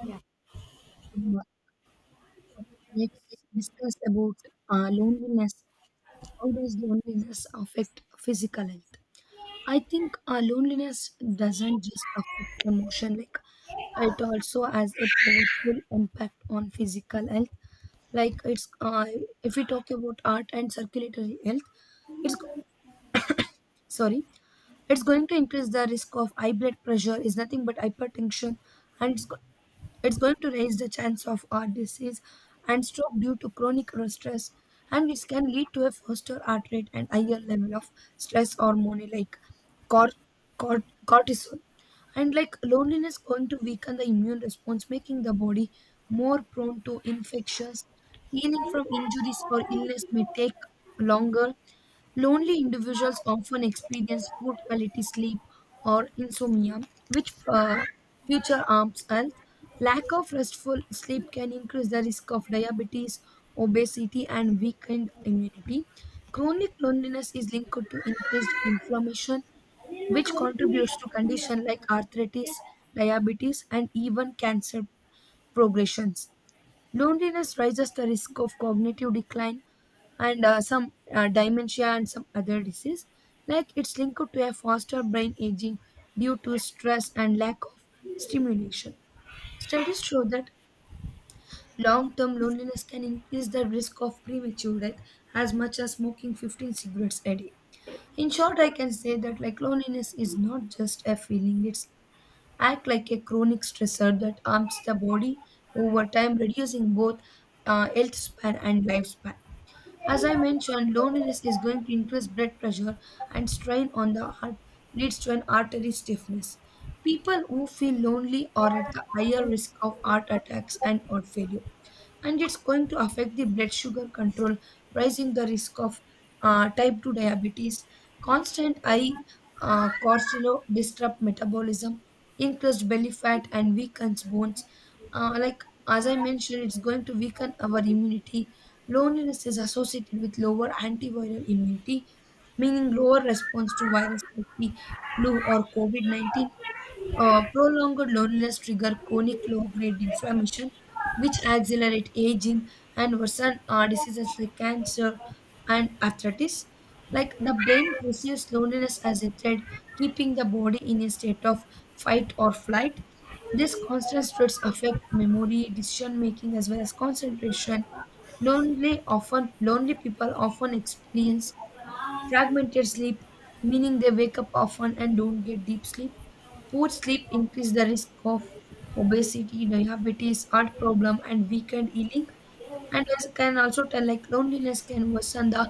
And, um, Let's discuss about loneliness. How does loneliness affect physical health? I think loneliness doesn't just affect emotion. Like it also has a powerful impact on physical health. Like it's if we talk about heart and circulatory health, it's go- sorry, it's going to increase the risk of high blood pressure, is nothing but hypertension, and It's going to raise the chance of heart disease and stroke due to chronic stress, and this can lead to a faster heart rate and higher level of stress hormone like cor- cortisol. And like loneliness going to weaken the immune response, making the body more prone to infections. Healing from injuries or illness may take longer. Lonely individuals often experience poor quality sleep or insomnia, which future harms and Lack of restful sleep can increase the risk of diabetes, obesity, and weakened immunity. Chronic loneliness is linked to increased inflammation, which contributes to conditions like arthritis, diabetes, and even cancer progressions. Loneliness raises the risk of cognitive decline and some dementia and some other disease. Like it's linked to a faster brain aging due to stress and lack of stimulation. Studies show that long term loneliness can increase the risk of premature death as much as smoking 15 cigarettes a day. In short, I can say that like loneliness is not just a feeling, it's act like a chronic stressor that harms the body over time, reducing both health span and lifespan. As I mentioned, loneliness is going to increase blood pressure and strain on the heart leads to an artery stiffness. People who feel lonely are at the higher risk of heart attacks and heart failure, and it's going to affect the blood sugar control, raising the risk of type 2 diabetes. Constant eye cortisol disrupt metabolism, increased belly fat, and weakens bones. Like as I mentioned, it's going to weaken our immunity. Loneliness is associated with lower antiviral immunity, meaning lower response to virus like the flu or COVID-19. Prolonged loneliness trigger chronic low-grade inflammation, which accelerate aging and worsen diseases like cancer and arthritis. Like the brain perceives loneliness as a threat, keeping the body in a state of fight or flight. These constant stress affect memory, decision making, as well as concentration. Lonely people often experience fragmented sleep, meaning they wake up often and don't get deep sleep. Poor sleep increase the risk of obesity, diabetes, heart problem, and weakened healing, and as can also tell, like loneliness can worsen the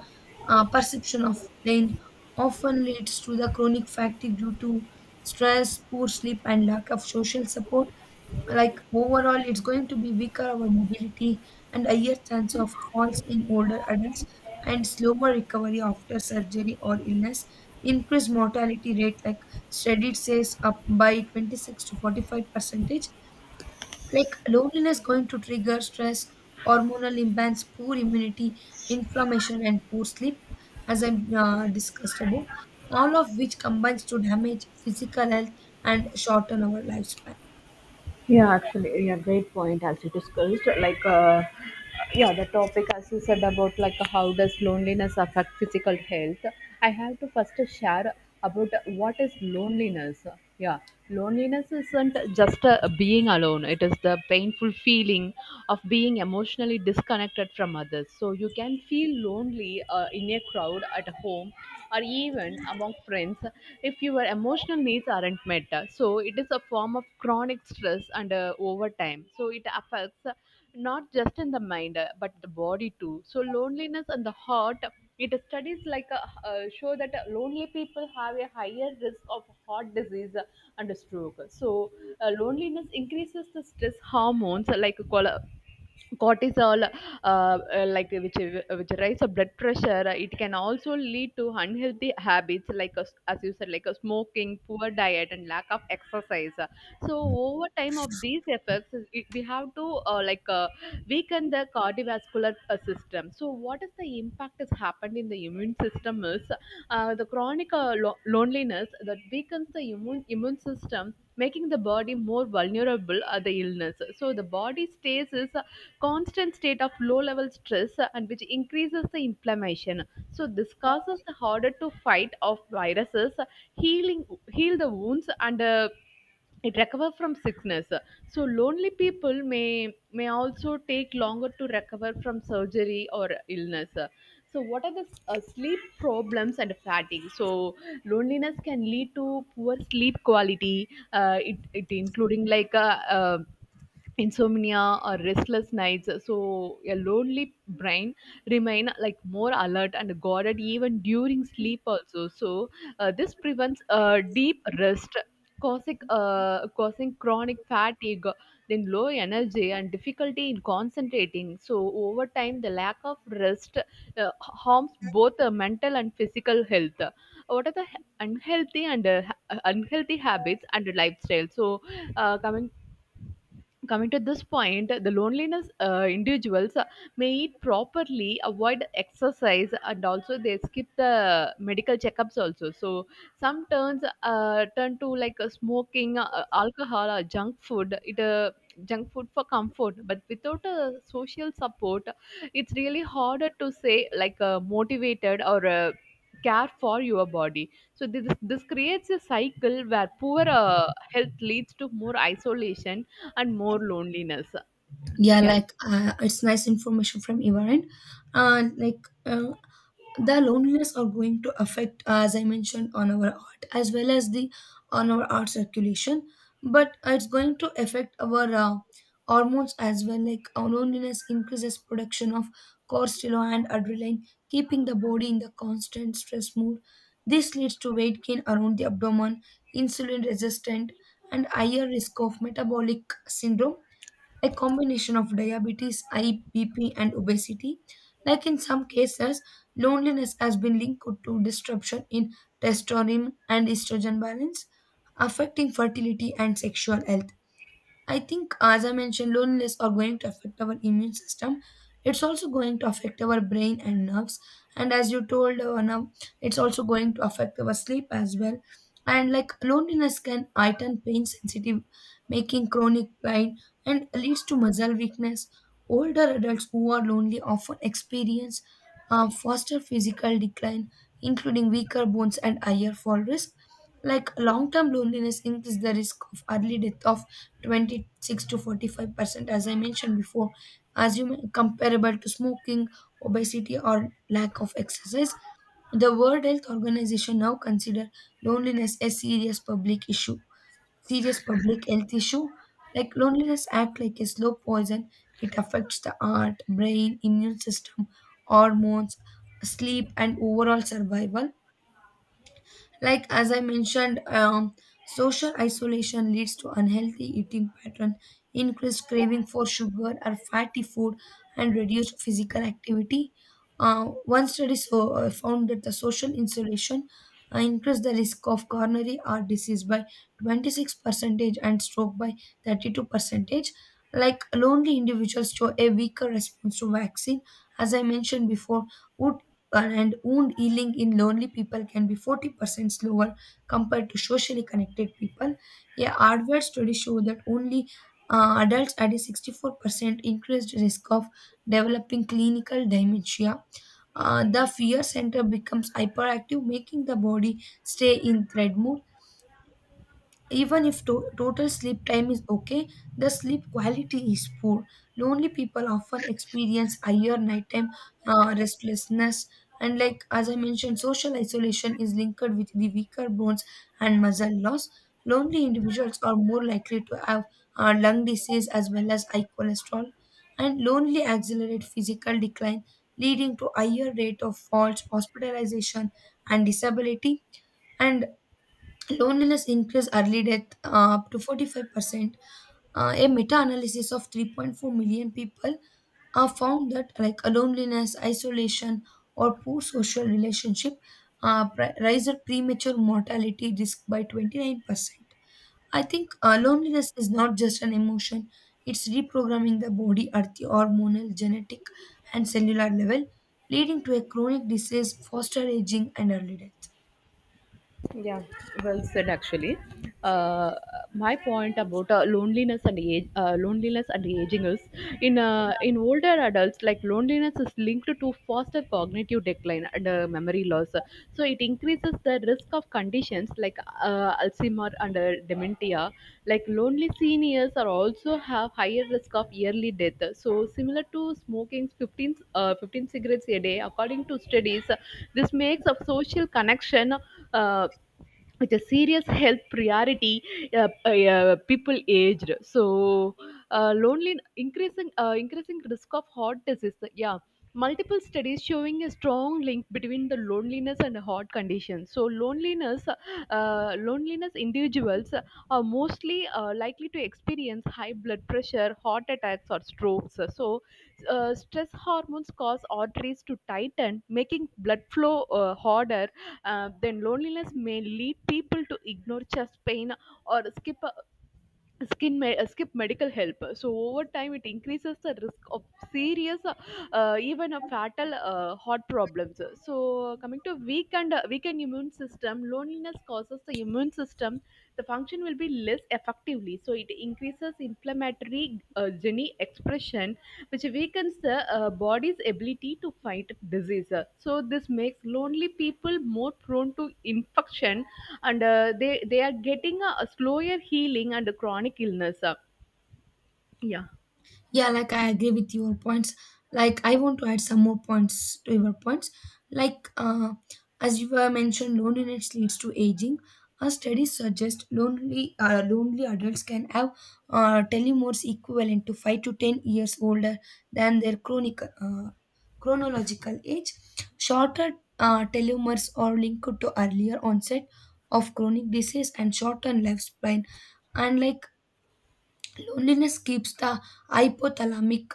perception of pain, often leads to the chronic fatigue due to stress, poor sleep, and lack of social support. Like overall it's going to be weaker our mobility and higher chance of falls in older adults and slower recovery after surgery or illness, increased mortality rate. Like studied says up by 26 to 45%. Like loneliness going to trigger stress, hormonal imbalance, poor immunity, inflammation, and poor sleep, as I discussed above, all of which combines to damage physical health and shorten our lifespan. Yeah, actually, yeah, great point as you discussed. Yeah, the topic as you said about like how does loneliness affect physical health. I have to first share about what is loneliness. Yeah, loneliness isn't just being alone, it is the painful feeling of being emotionally disconnected from others. So you can feel lonely in a crowd, at home, or even among friends if your emotional needs aren't met. So it is a form of chronic stress and over time, so it affects not just in the mind but the body too. So loneliness and the heart, it studies show that lonely people have a higher risk of heart disease and stroke. So loneliness increases the stress hormones like cholesterol, cortisol, which rise of blood pressure. Uh, it can also lead to unhealthy habits as you said, like a smoking, poor diet, and lack of exercise. So over time of these effects, we have to uh, like uh, weaken the cardiovascular system. So what is the impact has happened in the immune system is the chronic loneliness that weakens the immune system, making the body more vulnerable at the illness. So the body stays is a constant state of low level stress and which increases the inflammation. So this causes the harder to fight of viruses, healing, heal the wounds, and it recover from sickness. So lonely people may also take longer to recover from surgery or illness. So what are the sleep problems and fatigue? So loneliness can lead to poor sleep quality, it including like a. uh, insomnia or restless nights. So a lonely brain remain like more alert and guarded even during sleep also. So this prevents deep rest, causing chronic fatigue, then low energy and difficulty in concentrating. So over time the lack of rest harms both the mental and physical health. What are the unhealthy and unhealthy habits and lifestyle? So uh, coming coming to this point, the loneliness individuals may eat properly, avoid exercise, and also they skip the medical checkups also. So some turns turn to like smoking, alcohol, or junk food for comfort, but without a social support it's really harder to say like motivated or care for your body. So this creates a cycle where poor health leads to more isolation and more loneliness. Yeah, Yeah. like it's nice information from your end. uh, like uh, the loneliness are going to affect, as I mentioned, on our art as well as the on our art circulation, but it's going to affect our hormones as well. Like our loneliness increases production of cortisol and adrenaline, keeping the body in the constant stress mood. This leads to weight gain around the abdomen, insulin resistant, and higher risk of metabolic syndrome, a combination of diabetes, high BP, and obesity. Like in some cases, loneliness has been linked to disruption in testosterone and estrogen balance, affecting fertility and sexual health. I think, as I mentioned, loneliness are going to affect our immune system. It's also going to affect our brain and nerves. And as you told, now it's also going to affect our sleep as well. And like loneliness can heighten pain sensitive, making chronic pain and leads to muscle weakness. Older adults who are lonely often experience faster physical decline, including weaker bones and higher fall risk. Like long-term loneliness increases the risk of early death of 26 to 45%, as I mentioned before, comparable to smoking, obesity, or lack of exercise. The World Health Organization now consider loneliness a serious public issue, serious public health issue. Like loneliness act like a slow poison. It affects the heart, brain, immune system, hormones, sleep, and overall survival, like as I mentioned. Social isolation leads to unhealthy eating pattern, increased craving for sugar or fatty food, and reduced physical activity. One study, found that the social insulation increased the risk of coronary heart disease by 26 percentage and stroke by 32 percentage. Like lonely individuals show a weaker response to vaccine, as I mentioned before, who and wound healing in lonely people can be 40% slower compared to socially connected people. A hardware study showed that only adults had a 64% increased risk of developing clinical dementia. The fear center becomes hyperactive, making the body stay in threat mode. Even if total sleep time is okay, the sleep quality is poor. Lonely people often experience higher nighttime restlessness, and like as I mentioned, social isolation is linked with the weaker bones and muscle loss. Lonely individuals are more likely to have lung disease as well as high cholesterol, and lonely accelerate physical decline, leading to higher rate of falls, hospitalization, and disability. And loneliness increases early death up to 45%. A meta-analysis of 3.4 million people found that like loneliness, isolation, or poor social relationship rises premature mortality risk by 29%. I think loneliness is not just an emotion, it's reprogramming the body at the hormonal, genetic, and cellular level, leading to a chronic disease, foster aging, and early death. Yeah, well said actually. Uh, my point about loneliness and aging is in older adults, like loneliness is linked to faster cognitive decline and memory loss. So it increases the risk of conditions like Alzheimer and dementia. Like lonely seniors are also have higher risk of early death. So similar to smoking 15 cigarettes a day, according to studies, this makes a social connection uh, with a serious health priority people aged. So lonely increasing increasing risk of heart disease. Yeah, multiple studies showing a strong link between the loneliness and the heart condition. So Loneliness individuals are mostly likely to experience high blood pressure, heart attacks, or strokes. So stress hormones cause arteries to tighten, making blood flow harder. Then, loneliness may lead people to ignore chest pain or skip skin may skip medical help. So over time it increases the risk of serious even a fatal heart problems. So coming to weakened immune system, loneliness causes the immune system the function will be less effectively. So it increases inflammatory gene expression, which weakens the body's ability to fight disease. So this makes lonely people more prone to infection, and they are getting a slower healing and a chronic illness. Yeah. Yeah, like I agree with your points. Like I want to add some more points to your points. Like as you were mentioned, loneliness leads to aging. A study suggests lonely adults can have telomeres equivalent to 5 to 10 years older than their chronic chronological age. Shorter telomeres are linked to earlier onset of chronic disease and shortened lifespan. And like loneliness keeps the hypothalamic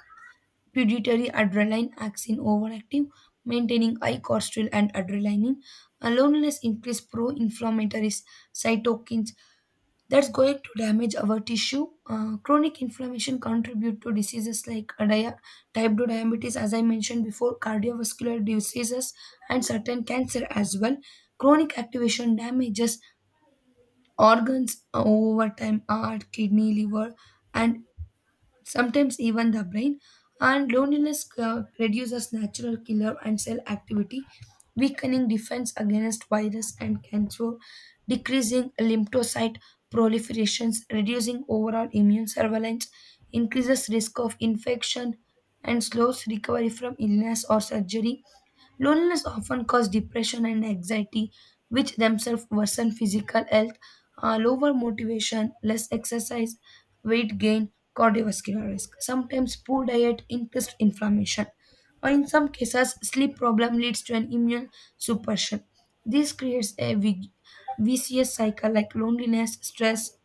pituitary adrenaline axis overactive, maintaining high cortisol and adrenaline. And loneliness increase pro-inflammatory cytokines that's going to damage our tissue. Chronic inflammation contribute to diseases like type 2 diabetes, as I mentioned before, cardiovascular diseases, and certain cancer as well. Chronic activation damages organs over time, heart, kidney, liver, and sometimes even the brain, and loneliness reduces natural killer and cell activity, weakening defense against virus and cancer, decreasing lymphocyte proliferations, reducing overall immune surveillance, increases risk of infection, and slows recovery from illness or surgery. Loneliness often causes depression and anxiety, which themselves worsen physical health, lower motivation, less exercise, weight gain, cardiovascular risk. Sometimes poor diet increased inflammation, or in some cases, sleep problem leads to an immune suppression. This creates a vicious cycle like loneliness, stress,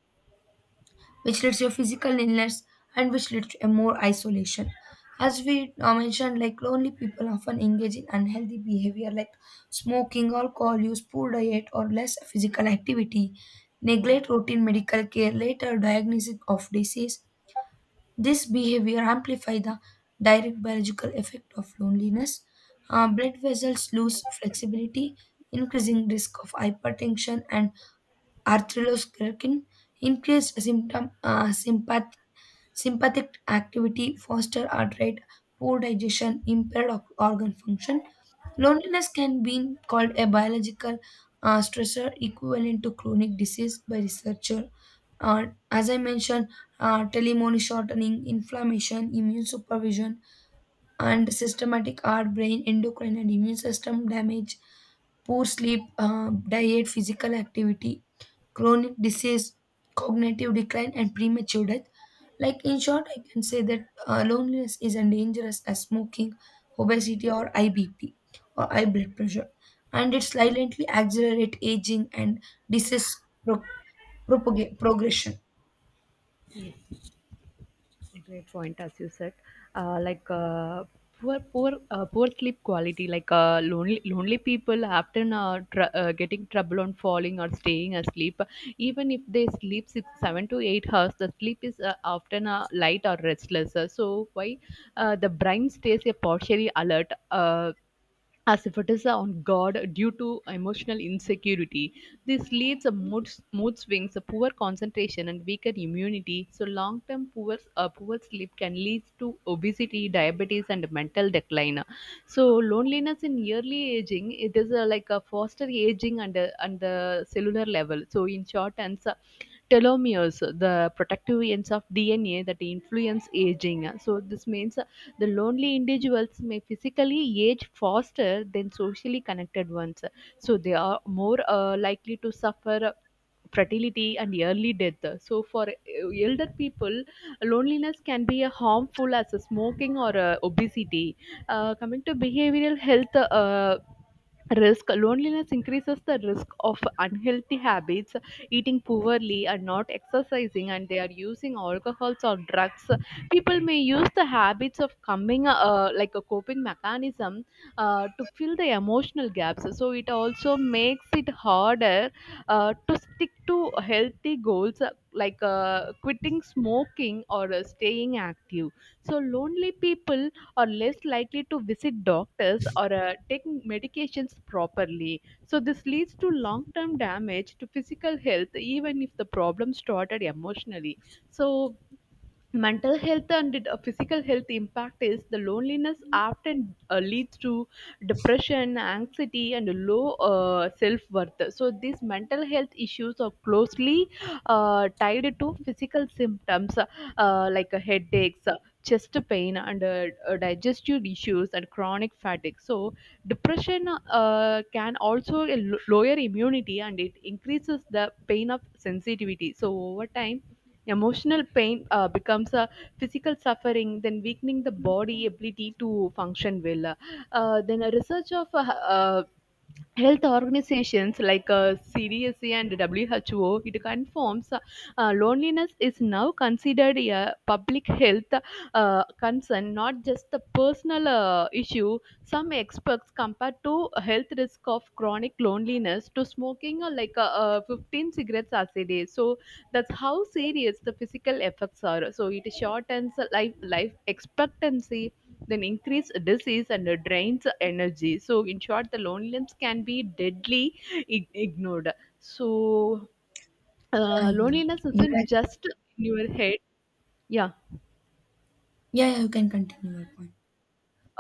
which leads to physical illness and which leads to a more isolation. As we mentioned, like lonely people often engage in unhealthy behavior like smoking, alcohol use, poor diet, or less physical activity, neglect routine medical care, later diagnosis of disease. This behavior amplify the direct biological effect of loneliness. Blood vessels lose flexibility, increasing risk of hypertension and arteriosclerotic, increased symptom sympathetic sympathetic activity fosters heart rate, poor digestion, impaired organ function. Loneliness can be called a biological stressor equivalent to chronic disease by researcher. As I mentioned, telemony shortening, inflammation, immune supervision, and systematic heart, brain, endocrine, and immune system damage, poor sleep, diet, physical activity, chronic disease, cognitive decline, and premature death. Like in short, I can say that loneliness is as dangerous as smoking, obesity, or IBP or high blood pressure, and it silently accelerates aging and disease progression. Great point, as you said. Uh, like uh, Poor, poor sleep quality. Like lonely people often are getting trouble on falling or staying asleep. Even if they sleep six, 7 to 8 hours, the sleep is often light or restless. So why the brain stays a partially alert. As if it is on God due to emotional insecurity. This leads to mood swings, a poor concentration, and weaker immunity. So long term poor sleep can lead to obesity, diabetes, and mental decline. So loneliness in early aging, it is like a foster aging and the cellular level. So in short answer, telomeres, the protective ends of DNA that influence aging. So this means the lonely individuals may physically age faster than socially connected ones. So they are more likely to suffer fertility and early death. So for elder people, loneliness can be a harmful as a smoking or a obesity. Coming to behavioral health risk, loneliness increases the risk of unhealthy habits, eating poorly and not exercising, and they are using alcohols or drugs. People may use the habits of coming like a coping mechanism to fill the emotional gaps. So it also makes it harder to stick to healthy goals quitting smoking or staying active. So lonely people are less likely to visit doctors or take medications properly. So this leads to long term damage to physical health, even if the problem started emotionally. So mental health and physical health impact is the loneliness often leads to depression, anxiety, and low self-worth. So these mental health issues are closely tied to physical symptoms headaches, chest pain, and digestive issues and chronic fatigue. So depression can also lower immunity and it increases the pain of sensitivity. So over time emotional pain becomes a physical suffering, then weakening the body ability to function well. Then a research of health organizations like CDSA and WHO, it confirms loneliness is now considered a public health concern, not just a personal issue. Some experts compare to health risk of chronic loneliness to smoking 15 cigarettes a day. So that's how serious the physical effects are. So it shortens life expectancy, then increase disease and drains energy. So in short, the loneliness can be deadly ignored. So Yeah, yeah, loneliness yeah. isn't just in your head. Yeah. Yeah, yeah, you can continue your point.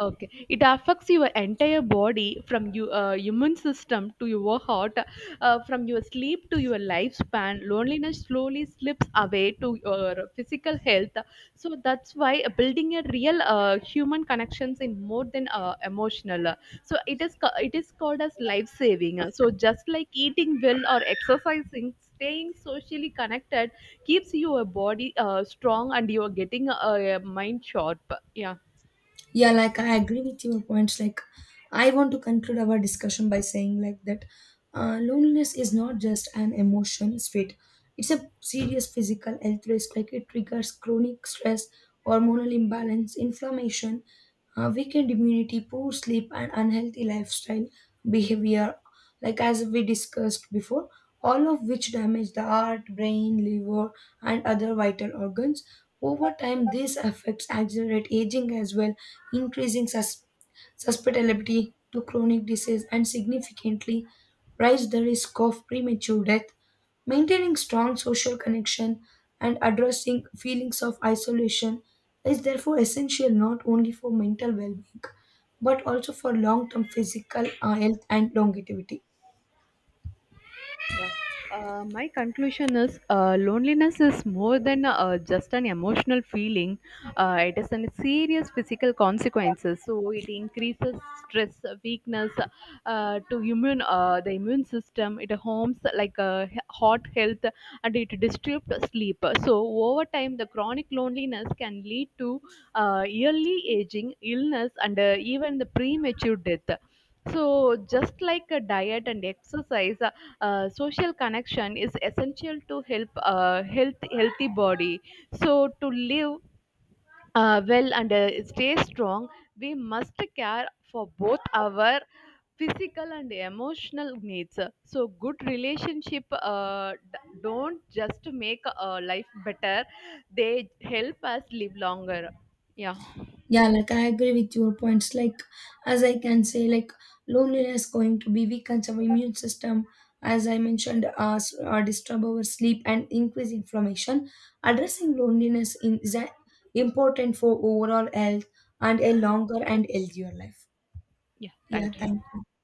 Okay, it affects your entire body from your immune system to your heart, from your sleep to your lifespan. Loneliness slowly slips away to your physical health. So that's why building a real human connections in more than emotional. So it is it is called as life saving. So just like eating well or exercising, staying socially connected keeps your body strong and you are getting mind sharp. Yeah. Yeah, like I agree with your points. Like, I want to conclude our discussion by saying, like, that loneliness is not just an emotion state, it's a serious physical health risk. Like, it triggers chronic stress, hormonal imbalance, inflammation, weakened immunity, poor sleep, and unhealthy lifestyle behavior, like as we discussed before, all of which damage the heart, brain, liver, and other vital organs. Over time, these effects accelerate aging as well, increasing susceptibility to chronic disease and significantly raise the risk of premature death. Maintaining strong social connection and addressing feelings of isolation is therefore essential not only for mental well-being but also for long-term physical health and longevity. Yeah. My conclusion is loneliness is more than just an emotional feeling. It is a serious physical consequences. So it increases stress, weakness to immune the immune system. It harms like heart health and it disturbs sleep. So over time, the chronic loneliness can lead to early aging, illness, and even the premature death. So just like a diet and exercise, social connection is essential to help healthy body. So to live well and stay strong, we must care for both our physical and emotional needs. So good relationship don't just make life better; they help us live longer. Yeah, Yeah, like I agree with your points. Like as I can say, like loneliness going to be weakens our immune system, as I mentioned. Disturb our sleep and increase inflammation. Addressing loneliness is important for overall health and a longer and healthier life. yeah. Yeah, Thank you. thank you.